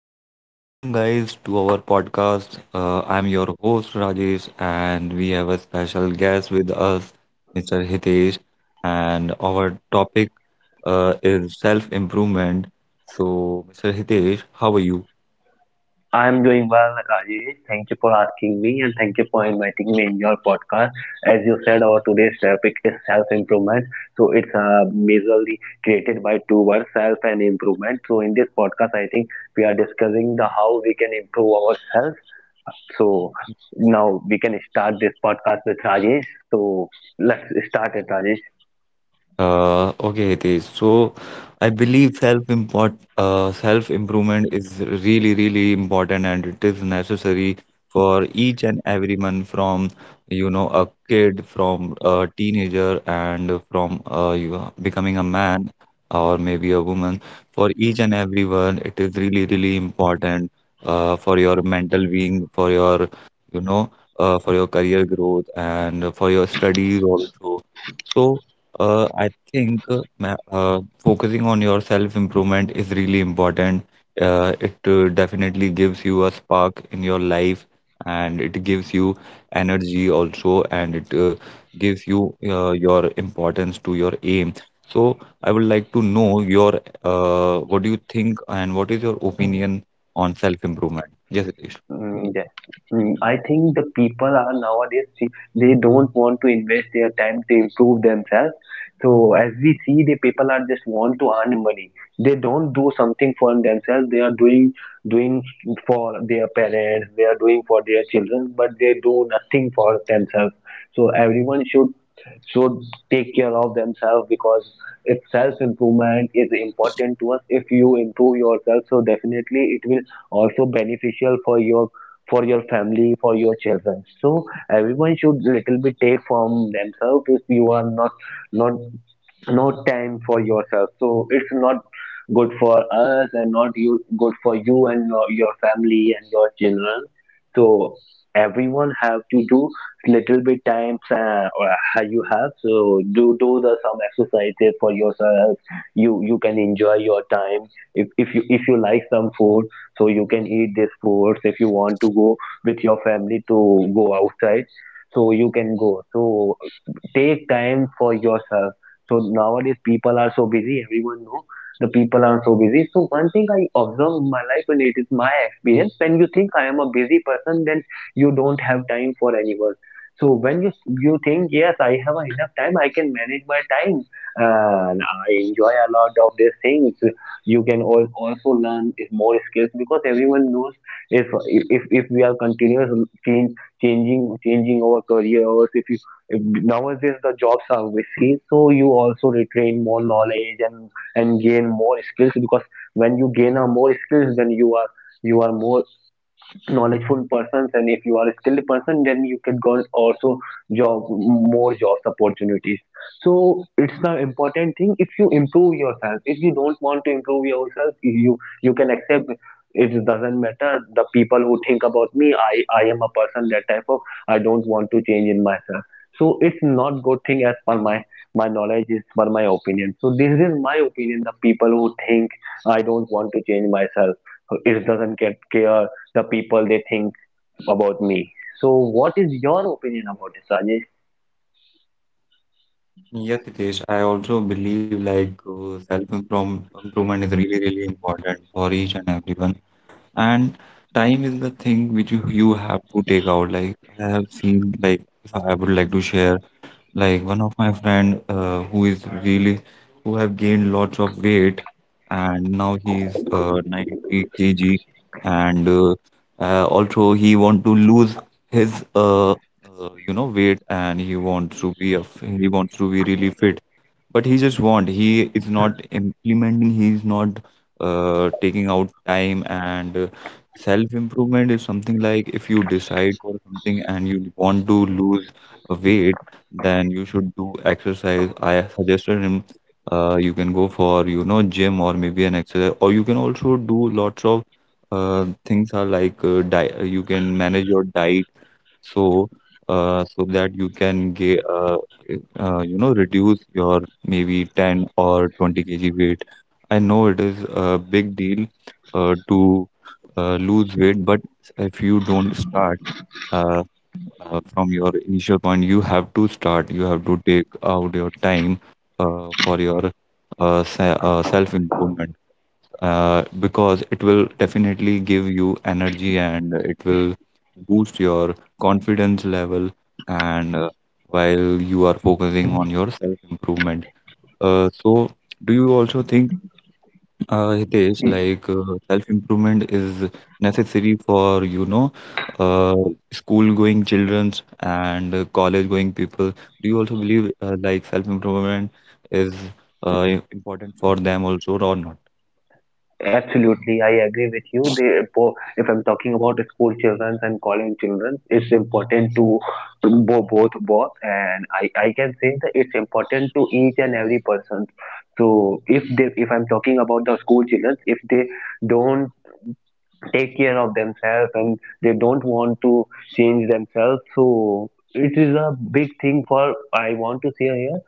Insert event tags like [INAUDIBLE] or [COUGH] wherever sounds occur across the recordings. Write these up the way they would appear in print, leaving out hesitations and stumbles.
So, hello and welcome, guys, to our podcast. I'm your host, Rajesh, and we have a special guest with us, Mr. Hitesh. And our topic is self improvement. So, Mr. Hitesh, how are you? I'm doing well, Rajesh. Thank you for asking me and thank you for inviting me in your podcast. As you said, our today's topic is self-improvement. So it's majorly created by two words, self and improvement. So in this podcast, I think we are discussing the how we can improve ourselves. So now we can start this podcast with Rajesh. So let's start it, Rajesh. Okay, Hitesh. So I believe self improvement is really, really important and it is necessary for each and everyone, from a kid, from a teenager, and from, becoming a man or maybe a woman. For each and everyone, it is really, really important, for your mental being, for your, you know for your career growth and for your studies also. So. I think focusing on your self-improvement is really important. It definitely gives you a spark in your life, and it gives you energy also, and it gives you your importance to your aim. So I would like to know your, what do you think and what is your opinion on self-improvement? Yes, Hitesh. Mm, yeah. Mm, I think the people are nowadays, see, they don't want to invest their time to improve themselves. So as we see, the people are just want to earn money. They don't do something for themselves. They are doing for their parents. They are doing for their children, but they do nothing for themselves. So everyone should take care of themselves, because if self improvement is important to us, if you improve yourself, so definitely it will also beneficial for your family, for your children. So everyone should little bit take from themselves. If you are not no time for yourself, so it's not good for us and not you good for you and your family and your children. So everyone have to do little bit times, you have so do the some exercises for yourself. You can enjoy your time. If you like some food, so you can eat this food. If you want to go with your family to go outside, so you can go. So take time for yourself. So nowadays people are so busy, everyone know the people are so busy. So one thing I observe in my life, and it is my experience, when you think I am a busy person, then you don't have time for anyone. So when you think, yes, I have enough time, I can manage my time, and I enjoy a lot of these things. You can also learn more skills, because everyone knows if if we are continuous change changing our career. Or if you if nowadays the jobs are risky, so you also retain more knowledge and gain more skills, because when you gain a more skills, then you are more knowledgeful persons. And if you are a skilled person, then you can go also job more jobs opportunities. So it's the important thing. If you improve yourself, if you don't want to improve yourself, you can accept it doesn't matter the people who think about me. I am a person that type of I don't want to change in myself. So it's not good thing as per my my knowledge is for my opinion. So this is my opinion. The people who think I don't want to change myself, it doesn't get care the people they think about me. So, what is your opinion about this, Rajesh? Yes, Hitesh, I also believe, like, self-improvement is really, really important for each and everyone. And time is the thing which you have to take out. Like I have seen, like, if I would like to share, like one of my friend, who is really, who have gained lots of weight, and now he is 90 kg, and also he want to lose his weight, and he wants to be he wants to be really fit, but he just want, he is not implementing, he is not taking out time, and self improvement is something like, if you decide for something and you want to lose a weight, then you should do exercise. I suggested him, you can go for gym, or maybe an exercise, or you can also do lots of things are like, you can manage your diet, so so that you can get reduce your maybe 10 or 20 kg weight. I know it is a big deal to lose weight, but if you don't start uh, from your initial point, you have to start. You have to take out your time for your self improvement, because it will definitely give you energy and it will boost your confidence level and while you are focusing on your self-improvement. So, do you also think, Hitesh, Mm. like self-improvement is necessary for, uh, school-going childrens and college-going people? Do you also believe, like self-improvement is important for them also or not? Absolutely, I agree with you. They, if I'm talking about school children and college children, it's important to both, and I can say that it's important to each and every person. So if they if I'm talking about the school children, if they don't take care of themselves, and they don't want to change themselves, so it is a big thing for I want to say here,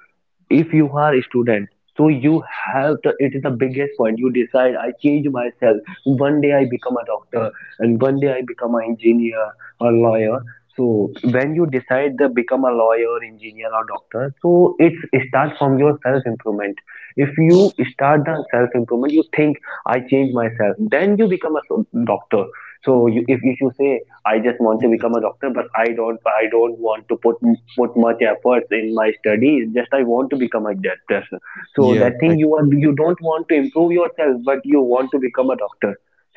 if you are a student, so you have to. It is the biggest point. You decide I change myself. One day I become a doctor, and one day I become an engineer or lawyer. So when you decide to become a lawyer, engineer, or doctor, so it's it starts from your self improvement. If you start the self improvement, you think I change myself, then you become a doctor. So you, if you say I just want to become a doctor, but I don't want to put much efforts in my studies, just I want to become a doctor. So Yeah. that thing you are you don't want to improve yourself, but you want to become a doctor.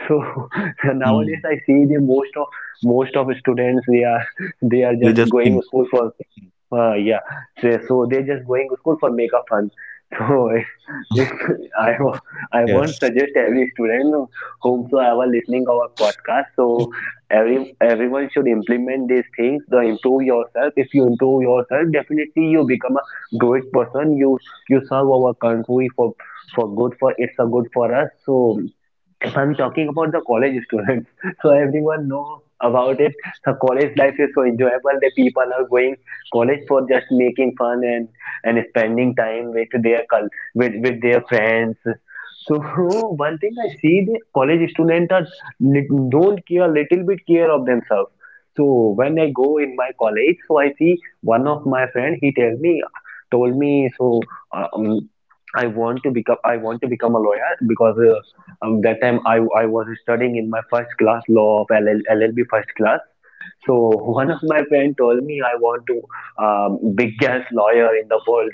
So [LAUGHS] Mm, nowadays I see the most of students, they are they just just going think. to school for yeah, so, so they're just going to school for make a fun. [LAUGHS] So if I wa- I won't Yes. suggest every student whomsoever listening our podcast. So everyone should implement these things. The improve yourself. If you improve yourself, definitely you become a good person. You serve our country for good. For it's a good for us. So if I'm talking about the college students, [LAUGHS] so everyone know about it. The college life is so enjoyable. The people are going college for just making fun and spending time with their with their friends. So [LAUGHS] one thing I see the college students are don't care little bit care of themselves. So when I go in my college, so I see one of my friend. He tell me told me so. uh, Um, I want to become, I want to become a lawyer, because that time I was studying in my first class law of LL, LLB first class. So one of my friend told me I want to biggest lawyer in the world.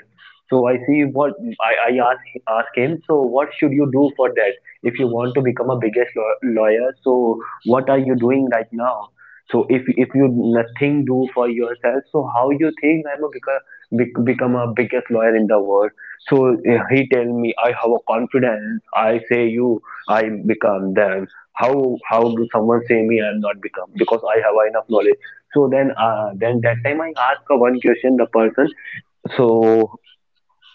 So I see what I ask him. So what should you do for that? If you want to become a biggest lawyer, so what are you doing right now? So if you nothing do for yourself, so how you think I'm a become a biggest lawyer in the world? So he tell me I have a confidence. I say you I become that how do someone say me I am not become because I have enough knowledge. So then that time I ask a one question the person. So,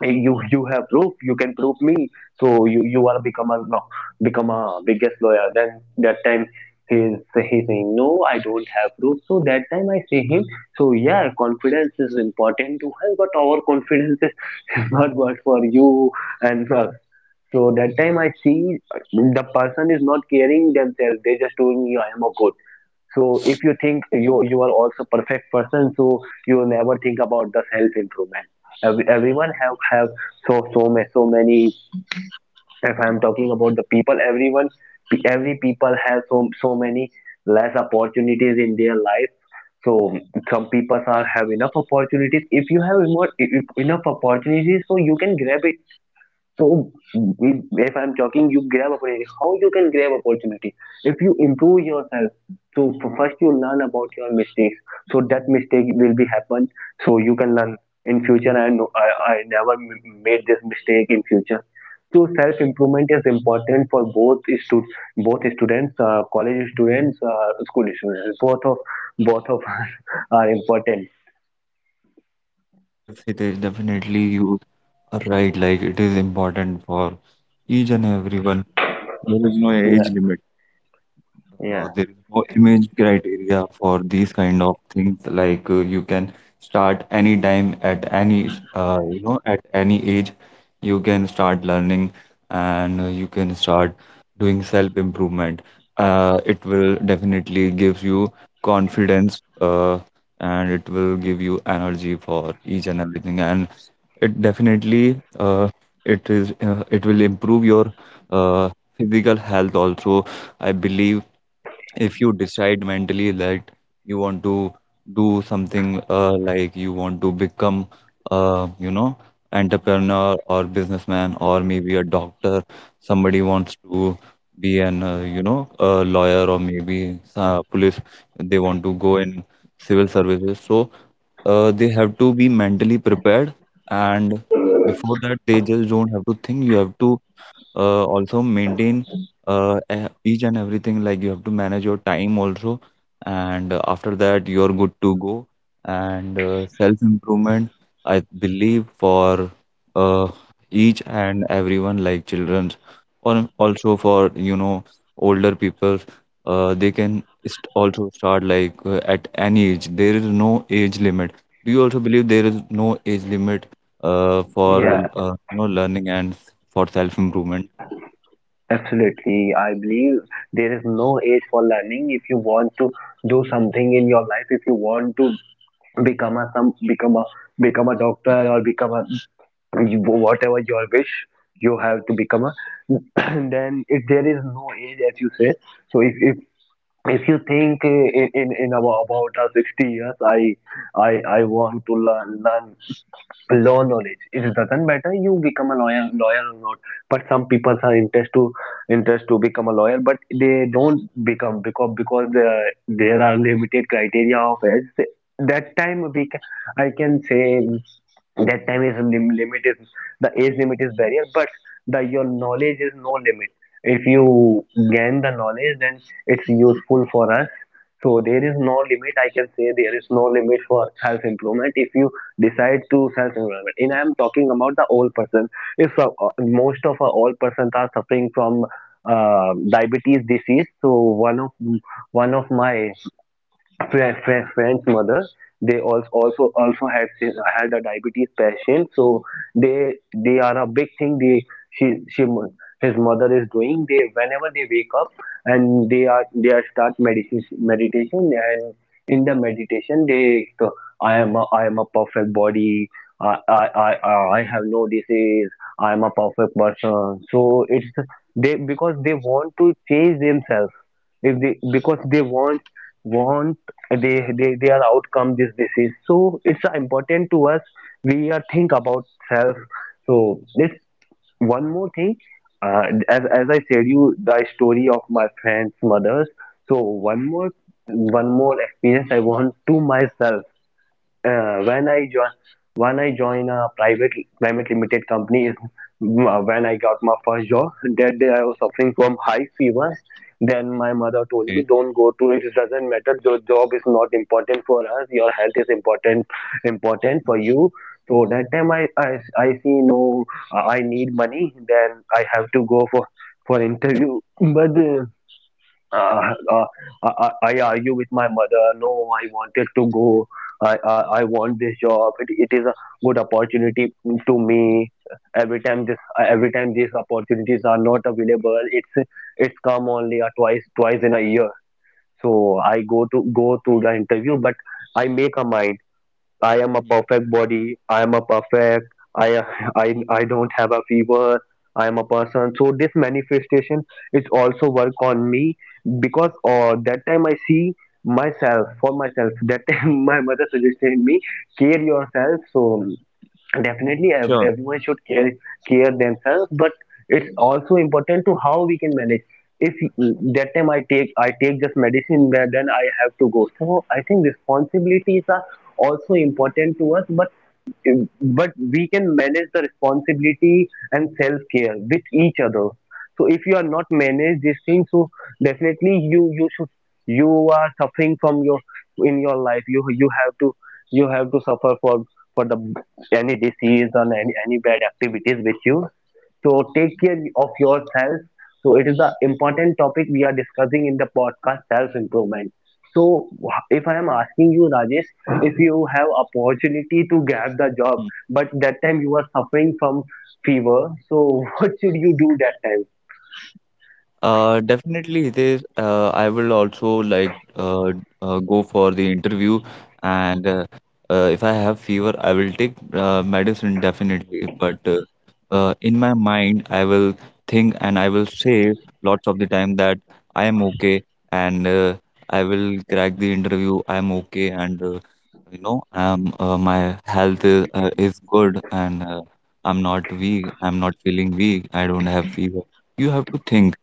"Hey, you have proof, you can prove me. So you are become a no become a biggest lawyer." Then that time he is he saying no I don't have proof. So that time I say him. So yeah, confidence is important to have, but our confidence is [LAUGHS] not good for you. And so that time I see the person is not caring themselves. They just doing me I am a good. So if you think you are also perfect person, so you will never think about the self improvement. Everyone have so so many. If I am talking about the people, everyone every people have so many less opportunities in their life. So some people are have enough opportunities. If you have more, if, enough opportunities, so you can grab it. So if I'm talking, you grab opportunity. How you can grab opportunity? If you improve yourself, so first you learn about your mistakes. So that mistake will be happen. So you can learn in future. And I never made this mistake in future. So self improvement is important for both stud both students, college students, school students. Both of [LAUGHS] us are important. Yes, it is, definitely you are right. Like, it is important for each and everyone. There is no Yeah, age limit. Yeah, There is no image criteria for these kind of things. Like, you can start anytime at any, at any age, you can start learning, and you can start doing self-improvement. It will definitely give you confidence, and it will give you energy for each and everything. And it definitely, it is, it will improve your, uh, physical health also. I believe if you decide mentally that you want to do something, like you want to become uh, you know entrepreneur or businessman or maybe a doctor, somebody wants to be an, a lawyer, or maybe police, they want to go in civil services, so they have to be mentally prepared, and before that they just don't have to think. You have to also maintain each and everything, like you have to manage your time also, and after that you're good to go. And self improvement, I believe, for uh, each and everyone, like children, or also for older people, they can also start, like, at any age, there is no age limit. Do you also believe there is no age limit yeah, for, yeah. Learning, and for self improvement? Absolutely. I believe there is no age for learning. If you want to do something in your life, if you want to become a become a doctor, or become a whatever your wish you have to become a [CLEARS THROAT] then if there is no age, as you say. So if if you think, in about, 60 years, i want to learn law knowledge, it doesn't matter you become a lawyer or not. But some people are interest to become a lawyer, but they don't become, because there are limited criteria of age. That time we can, I can say that time is limit is the age limit is barrier, but the your knowledge is no limit. If you gain the knowledge, then it's useful for us. So there is no limit. I can say there is no limit for self improvement. If you decide to self improvement. And I am talking about the old person. If most of our old persons are suffering from diabetes disease. So one of my French mother. They also had a diabetes patient. So they are a big thing. They she his mother is doing. They whenever they wake up, and they are start meditation. And in the meditation they so, I am a perfect body. I I I I I have no disease. I am a perfect person. So it's they, because they want to change themselves. If they, because they want they, their outcome this disease, so it's important to us. We are think about self. So this one more thing, uh, as I said you the story of my friend's mother's. So one more experience I want to myself. Uh, when I join when I join a private limited company [LAUGHS] is when I got my first job. That day I was suffering from high fever. Then my mother told me, Okay. "Don't go to it. It doesn't matter. Your job is not important for us. Your health is important for Mhm. you." So that time I see no, I need money. Then I have to go for interview. But uh, uh, I argue with my mother. No, I wanted to go. I want this job. It is a good opportunity to me. Every time these opportunities are not available. It's come only a twice in a year. So I go to the interview, but I make a mind. I am a perfect body. I am a perfect. I I don't have a fever. I am a person. So this manifestation is also work on me because that time I see myself for myself. That time [LAUGHS] my mother suggested me care yourself. So definitely Sure. everyone should care themselves, but it's also important to how we can manage. If that time I take just medicine, but then I have to go, so I think responsibilities are also important to us, but we can manage the responsibility and self-care with each other. So if you are not manage these things, so definitely you should, you are suffering from your in your life. You have to you have to suffer for the any disease or any bad activities with you. So take care of yourself. So it is the important topic we are discussing in the podcast self-improvement. So if I am asking you, Rajesh, if you have opportunity to get the job, Mhm. but that time you are suffering from fever, so [LAUGHS] what should you do that? Definitely, Hitesh. I will also like go for the interview, and if I have fever, I will take medicine, definitely. But in my mind, I will think and I will say lots of the time that I am okay, and I will crack the interview. I am okay, and, my health is good, and I'm not weak. I'm not feeling weak. I don't have fever. You have to think,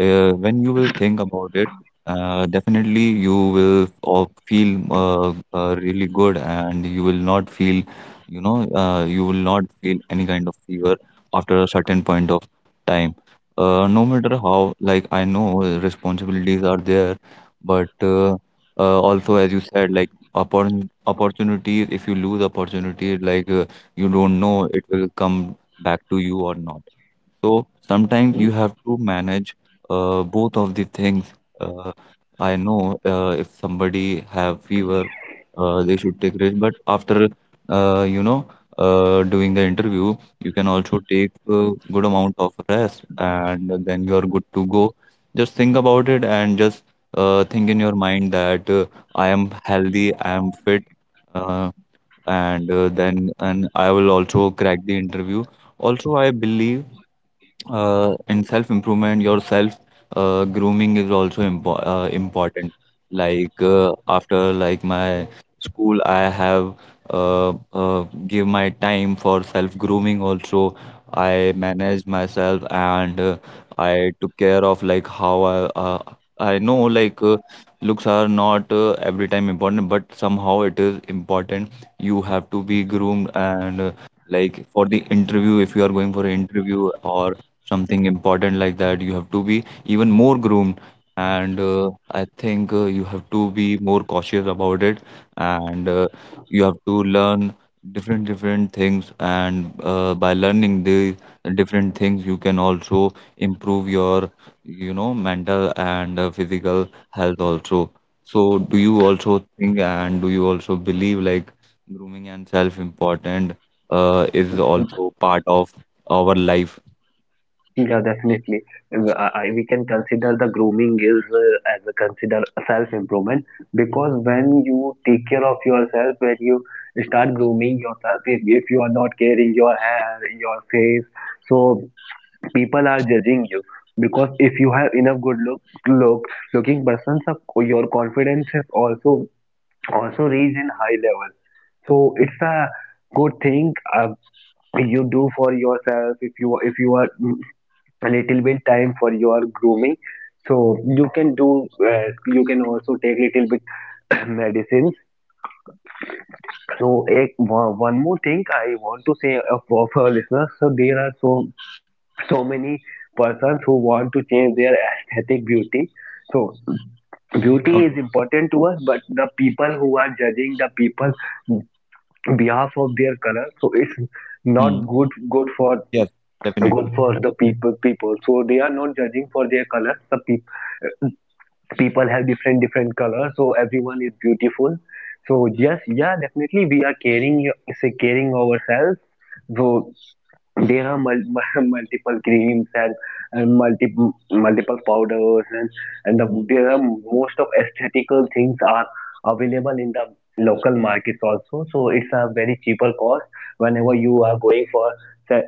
when you will think about it, definitely you will feel really good, and you will not feel, you will not feel any kind of fever after a certain point of time. No matter how, like, I know responsibilities are there, but also, as you said, like, opportunities, if you lose opportunities, like, you don't know it will come back to you or not. So sometimes you have to manage both of the things. Uh, I know, if somebody have fever, they should take rest. But after uh, you know doing the interview, you can also take a good amount of rest, and then you are good to go. Just think about it, and just think in your mind that I am healthy, I am fit, uh, and then, and I will also crack the interview. Also, I believe in self improvement, your self grooming is also important. Like, after like my school, I have give my time for self grooming also. I managed myself, and I took care of, like, how uh, I know, like, looks are not every time important, but somehow it is important. You have to be groomed, and like, for the interview, if you are going for an interview or something important like that, you have to be even more groomed, and I think you have to be more cautious about it, and you have to learn different different things, and by learning the different things you can also improve your mental and physical health also. So do you also think, and do you also believe, like, grooming and self important is also part of our life? Yeah, definitely. We can consider the grooming is as a consider self-improvement, because when you take care of yourself, when you start grooming yourself, if you are not caring your hair, your face, so people are judging you. Because if you have enough good look looking persons, your confidence is also reach in high level. So it's a good thing. You do for yourself. If you are a little bit time for your grooming, so you can do you can also take little bit [COUGHS] [CLEARS THROAT] medicines. So one more thing I want to say of our listeners. So there are so many persons who want to change their aesthetic beauty. So beauty Okay. is important to us, but the people who are judging the people behalf of their color, so it's not Mm. good for Yes, definitely. good for the people. So they are not judging for their colors, the people have different colors, so everyone is beautiful. So yes, yeah, definitely we are caring, say caring ourselves. So there are [LAUGHS] multiple creams, and multiple powders, and Mm. there are most of aesthetical things are available in the local markets also. So it's a very cheaper cost. Whenever you are going for that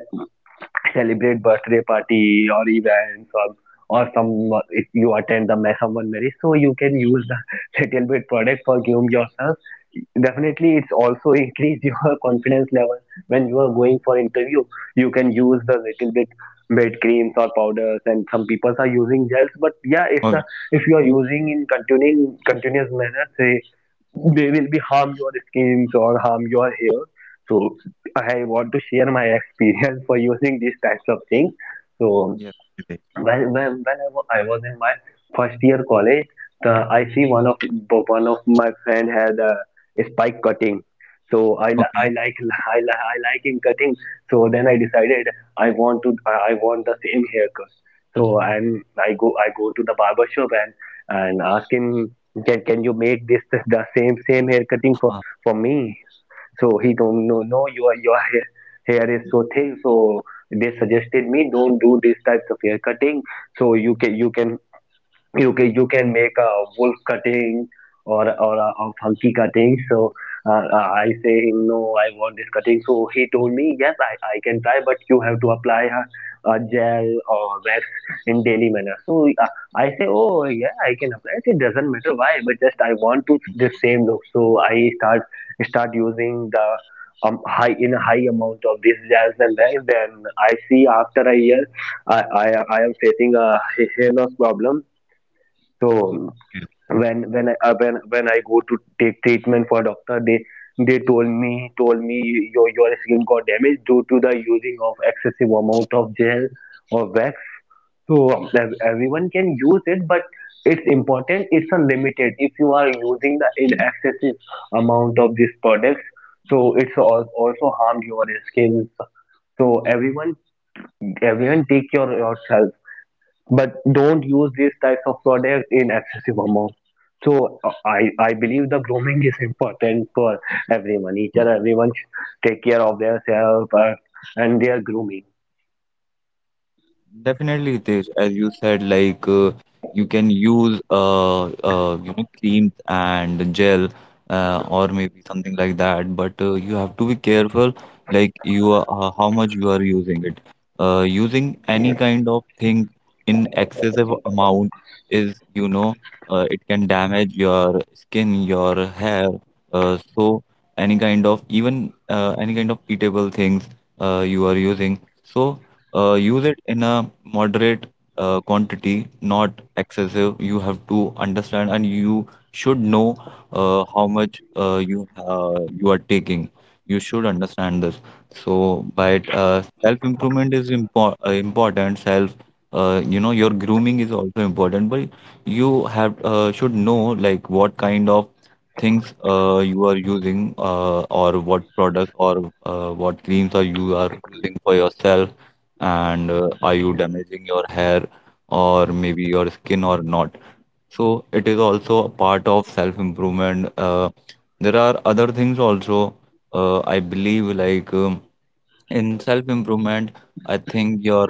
celebrate birthday party or events, or some, if you attend the someone marriage, so you can use the [LAUGHS] little bit product for groom yourself. Definitely it's also increase your [LAUGHS] confidence level. When you are going for interview, you can use the little bit bed creams or powders, and some people are using gels. But yeah, it's Oh, a, if you are using in continuing continuous manner, say they will be harm your skins or harm your hair. So I want to share my experience for using these types of things. So yes, it is. When I was in my first year college, the I see one of my friend had a spike cutting. So I Okay. like [LAUGHS] I like him cutting. So then I decided, I want to I want the same haircut. So I go to the barber shop and ask him, can you make this the same hair cutting for uh for me? So he told me, no, no, your hair, is so thick, so they suggested me, don't do these types of hair cutting. So you can make a wolf cutting, or a funky cutting. So I say him, no, I want this cutting. So he told me, yes, I can try, but you have to apply a gel or wax in daily manner. So I say, oh yeah, I can apply it. It doesn't matter why, but just I want to the same look. So I start using the high in a high amount of this gels and wax. Then I see after a year, I am facing a hair loss problem. So when I go to take treatment for doctor, they told me, your skin got damaged due to the using of excessive amount of gel or wax. So everyone can use it, but it's important. It's a limited. If you are using the in excessive amount of these products, so it's also harmed your skin. So everyone take care of yourself, but don't use these types of products in excessive amount. So I believe the grooming is important for everyone. Each and everyone should take care of their self and their grooming. Definitely, Hitesh, as you said, like, you can use creams and gel, or maybe something like that, but you have to be careful, like, you are how much you are using it. Using any kind of thing in excessive amount is, it can damage your skin, your hair. So, any kind of, even any kind of eatable things you are using. So. Use it in a moderate quantity, not excessive. You have to understand, and you should know, how much you are taking. You should understand this. So, but self-improvement is important. Self, your grooming is also important, but you have should know, like, what kind of things you are using, or what products, or what creams are you are using for yourself, and are you damaging your hair or maybe your skin or not. So it is also a part of self-improvement. There are other things also, I believe, like, in self improvement, I think your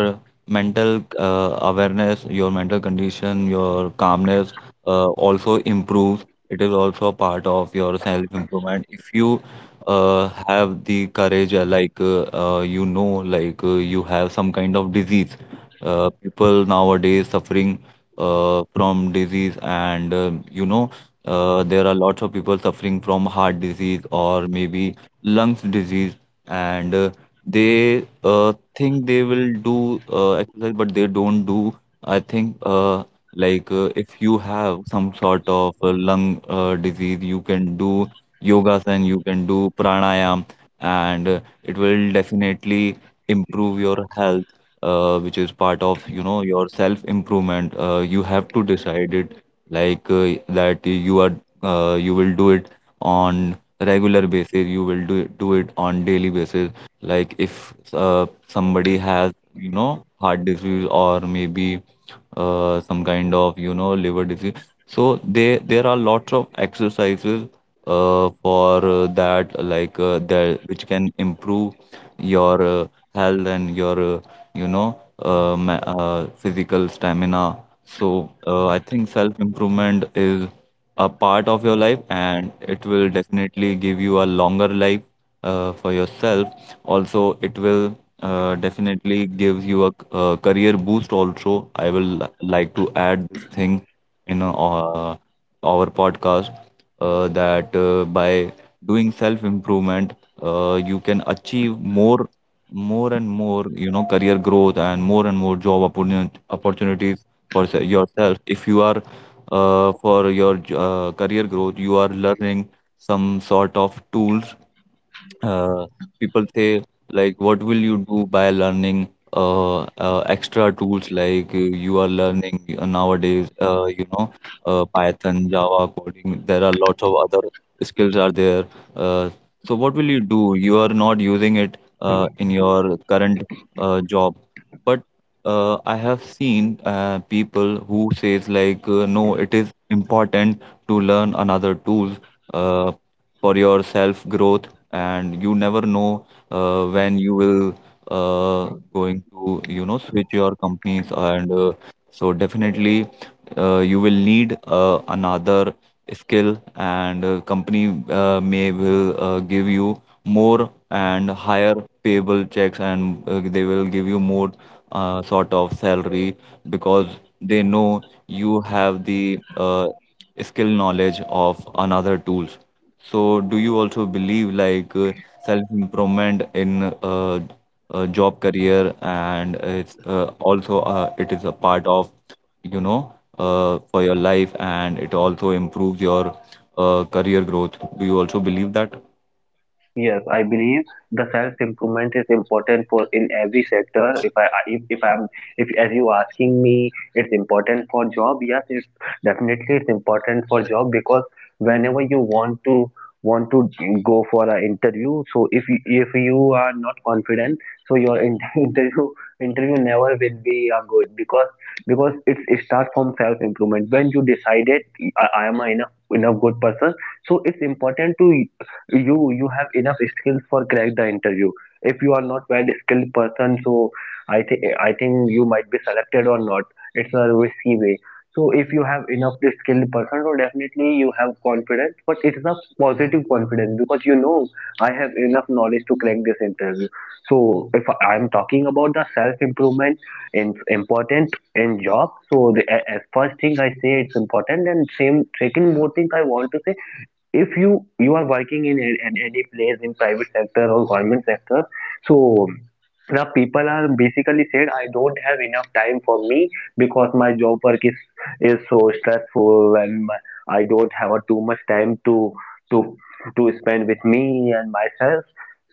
mental awareness, your mental condition, your calmness also improves. It is also a part of your self improvement. If you have the courage, you have some kind of disease, people nowadays suffering from disease, and there are lots of people suffering from heart disease, or maybe lungs disease, and they think they will do exercise, but they don't do. I think if you have some sort of lung disease, you can do yogasan, you can do pranayam, and it will definitely improve your health, which is part of your self improvement. You have to decide it, like, that you are you will do it on regular basis. You will do it on daily basis like if somebody has heart disease, or maybe some kind of liver disease. So they there are lots of exercises for that, like that which can improve your health and your physical stamina. So I think self improvement is a part of your life, and it will definitely give you a longer life for yourself. Also, it will definitely give you a career boost also. I will like to add this thing in our podcast, that by doing self-improvement, you can achieve more, more and more, career growth, and more job opportunities for yourself. If you are, for your career growth, you are learning some sort of tools. uh, People say, like, what will you do by learning extra tools, like you are learning, nowadays, python java coding? There are lots of other skills are there. uh, so what will you do? You are not using it in your current job. But I have seen people who says, like, no, it is important to learn another tools uh, for your self growth. And you never know when you will going to switch your companies, and so definitely you will need another skill, and company may will give you more and higher payable checks, and they will give you more sort of salary, because they know you have the skill knowledge of another tools. So, do you also believe like self-improvement in job career, and it is a part of for your life, and it also improves your career growth? Do you also believe that? Yes, I believe the self-improvement is important for in every sector. If I if I'm if as you asking me, it's important for job. Yes, it's definitely it's important for job, because whenever you want to go for an interview, so if you are not confident, so your [LAUGHS] interview never will be a good, because it starts from self-improvement. When you decided, I am a enough good person, so it's important to you have enough skills for crack the interview. If you are not well skilled person, so I think you might be selected or not. It's a risky way. So if you have enough skilled person, so definitely you have confidence, but it's a positive confidence because you know I have enough knowledge to crack this interview. So if I'm talking about the self improvement in important in job, so the as first thing I say it's important, and same second more thing I want to say, if you are working in any place in private sector or government sector, so the people are basically said, I don't have enough time for me, because my job work is so stressful, and I don't have a too much time to to to spend with me and myself.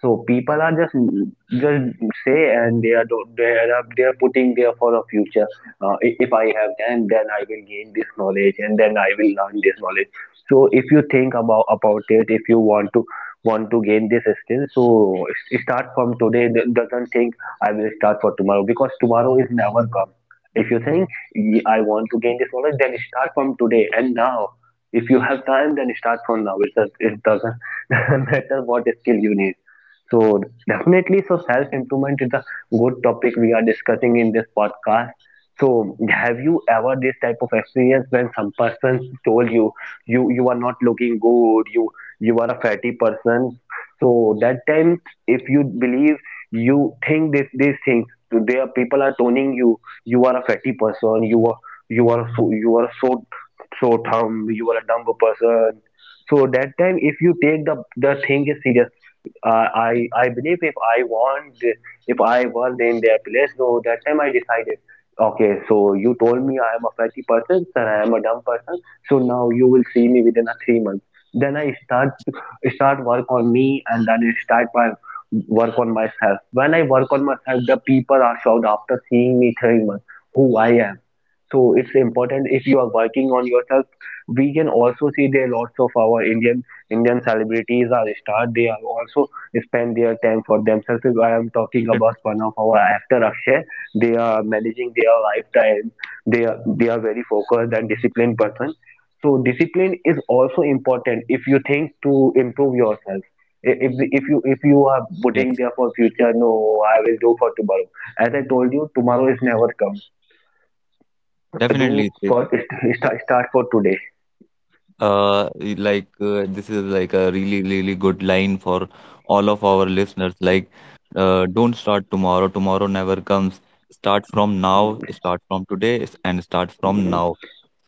So people are just just say, and they are they are putting there for a future. If I have, then I will gain this knowledge, and then I will learn this knowledge. So if you think about it, if you want to gain this skill, so start from today. D doesn't think, I will start for tomorrow, because tomorrow is never come. If you think, I want to gain this knowledge," then start from today and now. If you have time, then start from now. It doesn't [LAUGHS] matter what skill you need. So definitely, so self improvement is a good topic we are discussing in this podcast. So have you ever this type of experience, when some person told you, you are not looking good, you are a fatty person. So that time, if you believe, you think this these things, so there are people are toning you are a fatty person, you are so, so dumb, you are a dumb person. So that time, if you take the thing is serious. I believe, if I want if I was in their place, so that time I decided, okay, so you told me I am a fatty person and I am a dumb person. So now you will see me within a 3 months. Then I start work on me, and then I start my work on myself. When I work on myself, the people are shocked after seeing me 3 months who I am. So it's important if you are working on yourself. We can also see there lots of our Indian celebrities are star. They are also spend their time for themselves. If I am talking It- about one of our actor Akshay. They are managing their lifetime. They are very focused and disciplined person. So discipline is also important if you think to improve yourself. If you are putting Yes, there for future, no, I will do for tomorrow. As I told you, tomorrow is never come. Do definitely. first start for today. Like, this is like a really, really good line for all of our listeners. Like, don't start tomorrow. Tomorrow never comes. Start from now. Start from today, and start from now.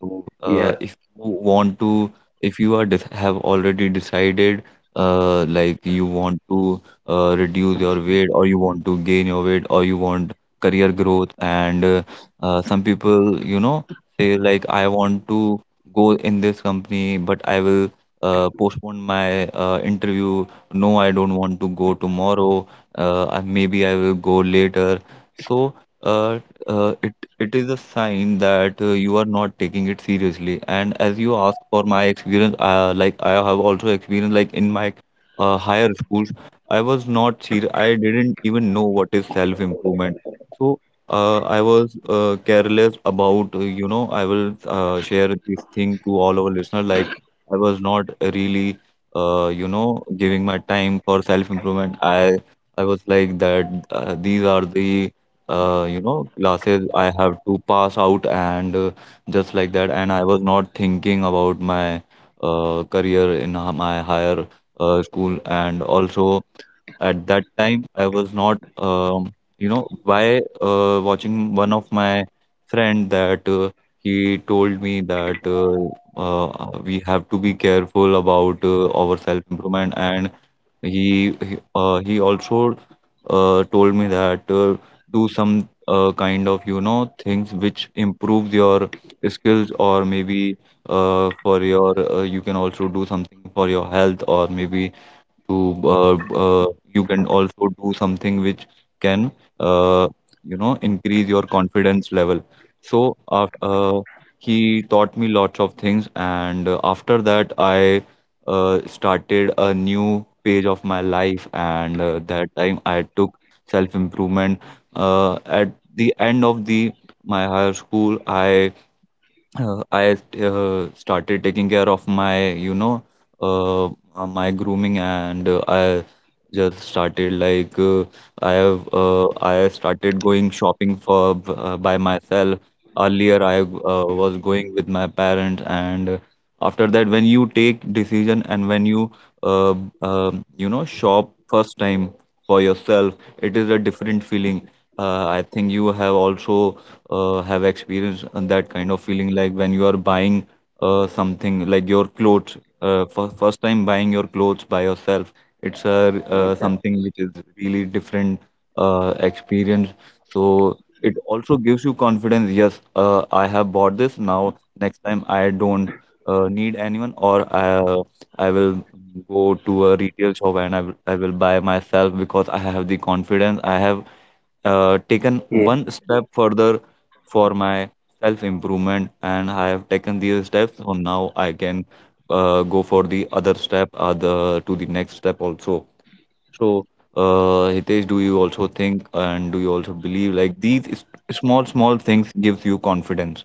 So, Yeah. If you are have already decided, like you want to reduce your weight, or you want to gain your weight, or you want career growth. And some people, say, like, I want to go in this company, but I will postpone my interview. No, I don't want to go tomorrow. Maybe I will go later. So, uh, uh, it it is a sign that you are not taking it seriously. And as you ask for my experience, like I have also experienced, like in my higher schools, I was not serious. I didn't even know what is self improvement. So I was careless about. I will share this thing to all our listeners. Like, I was not really, giving my time for self improvement. I was like that. These are the classes I have to pass out, and just like that. And I was not thinking about my career in my higher school. And also, at that time, I was not, by watching one of my friend that he told me that we have to be careful about our self-improvement. And he also told me that do some kind of things which improves your skills, or maybe for your you can also do something for your health, or maybe to uh, uh, you can also do something which can uh, increase your confidence level. So he taught me lots of things. And after that, I started a new page of my life. And that time, I took self improvement at the end of the my higher school. I started taking care of uh, my grooming, and I just started, like, I started going shopping for by myself. Earlier, I was going with my parents. And after that, when you take decision and when you uh, you know shop first time for yourself, it is a different feeling. I think you have also have experienced that kind of feeling, like when you are buying something like your clothes, for first time buying your clothes by yourself. It's a Okay. something which is really different experience. So it also gives you confidence. Yes, I have bought this. Now, next time I don't need anyone, or I will go to a retail shop, and I will buy myself, because I have the confidence. I have taken Yeah. one step further for my self improvement, and I have taken these steps. So now I can go for the other step, other to the next step also. So, Hitesh, do you also think and do you also believe like these small small things gives you confidence,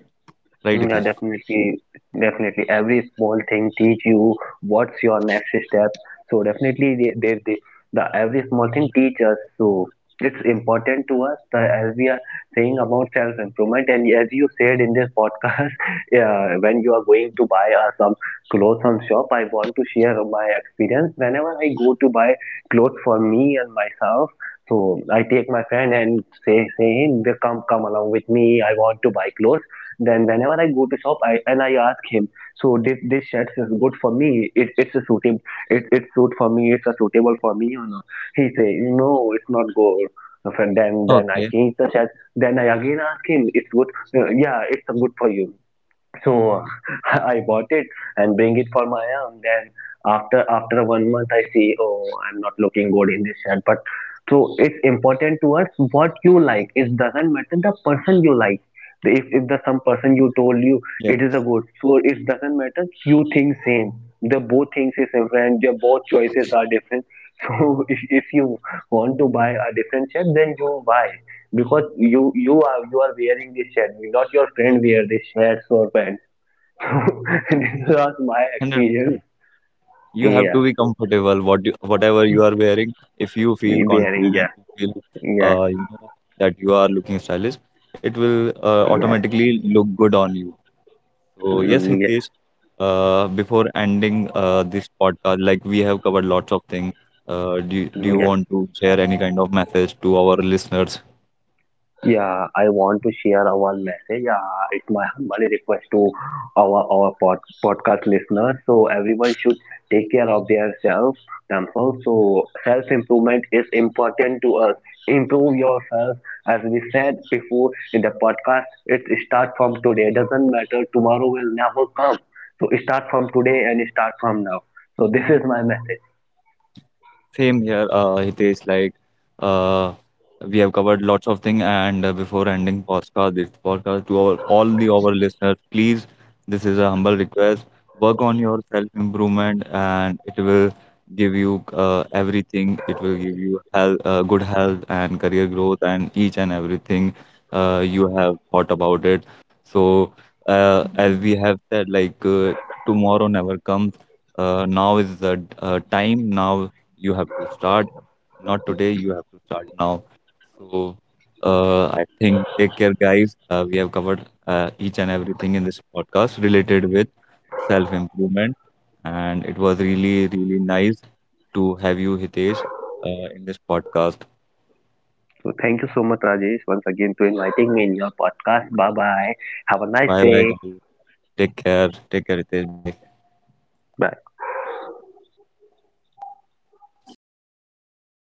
right, Mm, yeah, Hitesh? definitely, definitely. Every small thing teach you what's your next step. So definitely, the every small thing teach us. So it's important to us that as we are saying about self improvement, and as you said in this podcast, [LAUGHS] yeah, when you are going to buy some clothes from shop, I want to share my experience. Whenever I go to buy clothes for me and myself, so I take my friend and say, hey, come along with me. I want to buy clothes. Then whenever I go to shop, and I ask him, so this shirt is good for me. It's a suitable, it's suit for me. It's a suitable for me or not? He say, no, it's not good. So then I Okay. change the shirt. Then I again ask him, it's good. Yeah, it's good for you. So [LAUGHS] I bought it and bring it for my aunt. Then after one month, I see, oh, I'm not looking good in this shirt. But so it's important to us what you like. It doesn't matter the person you like. If the some person you told you Yes. it is a good, so it doesn't matter. You think same. The both things is different. The both choices are different. [LAUGHS] So if you want to buy a different shirt, then you buy, because you are wearing this shirt, not your friend wear this shirts or pants. [LAUGHS] This was my one Hundred. experience. percent. You have to Yeah. be comfortable whatever you are wearing. If you feel Wearing. confident and Yeah. you feel Yeah. uh, you know that you are looking stylish, it will Yeah. automatically look good on you. So, yes, Mm, yeah. Hitesh, before ending this podcast, like, we have covered lots of things. Do Mm, you yeah. want to share any kind of message to our listeners? Yeah, I want to share our message. It's my humble request to our podcast listeners. So everyone should take care of their self themselves. So self improvement is important to us. Improve yourself, as we said before in the podcast. It start from today. Doesn't matter tomorrow will never come. So start from today and start from now. So this is my message. Same here, Hitesh. Like, uh, we have covered lots of things, and before ending this podcast, to all the our listeners, please, this is a humble request. Work on your self improvement, and it will give you everything. It will give you good health, and career growth, and each and everything you have thought about it. So, as we have said, like, tomorrow never comes. Now is the time. Now you have to start. Not today, you have to start now. So, I think take care, guys. We have covered each and everything in this podcast related with self-improvement, and it was really, really nice to have you, Hitesh, in this podcast. So thank you so much, Rajesh, once again to inviting me in your podcast. Bye bye. Have a nice Bye, bye, day. guys. Take care. Take care, Hitesh. Bye. Bye.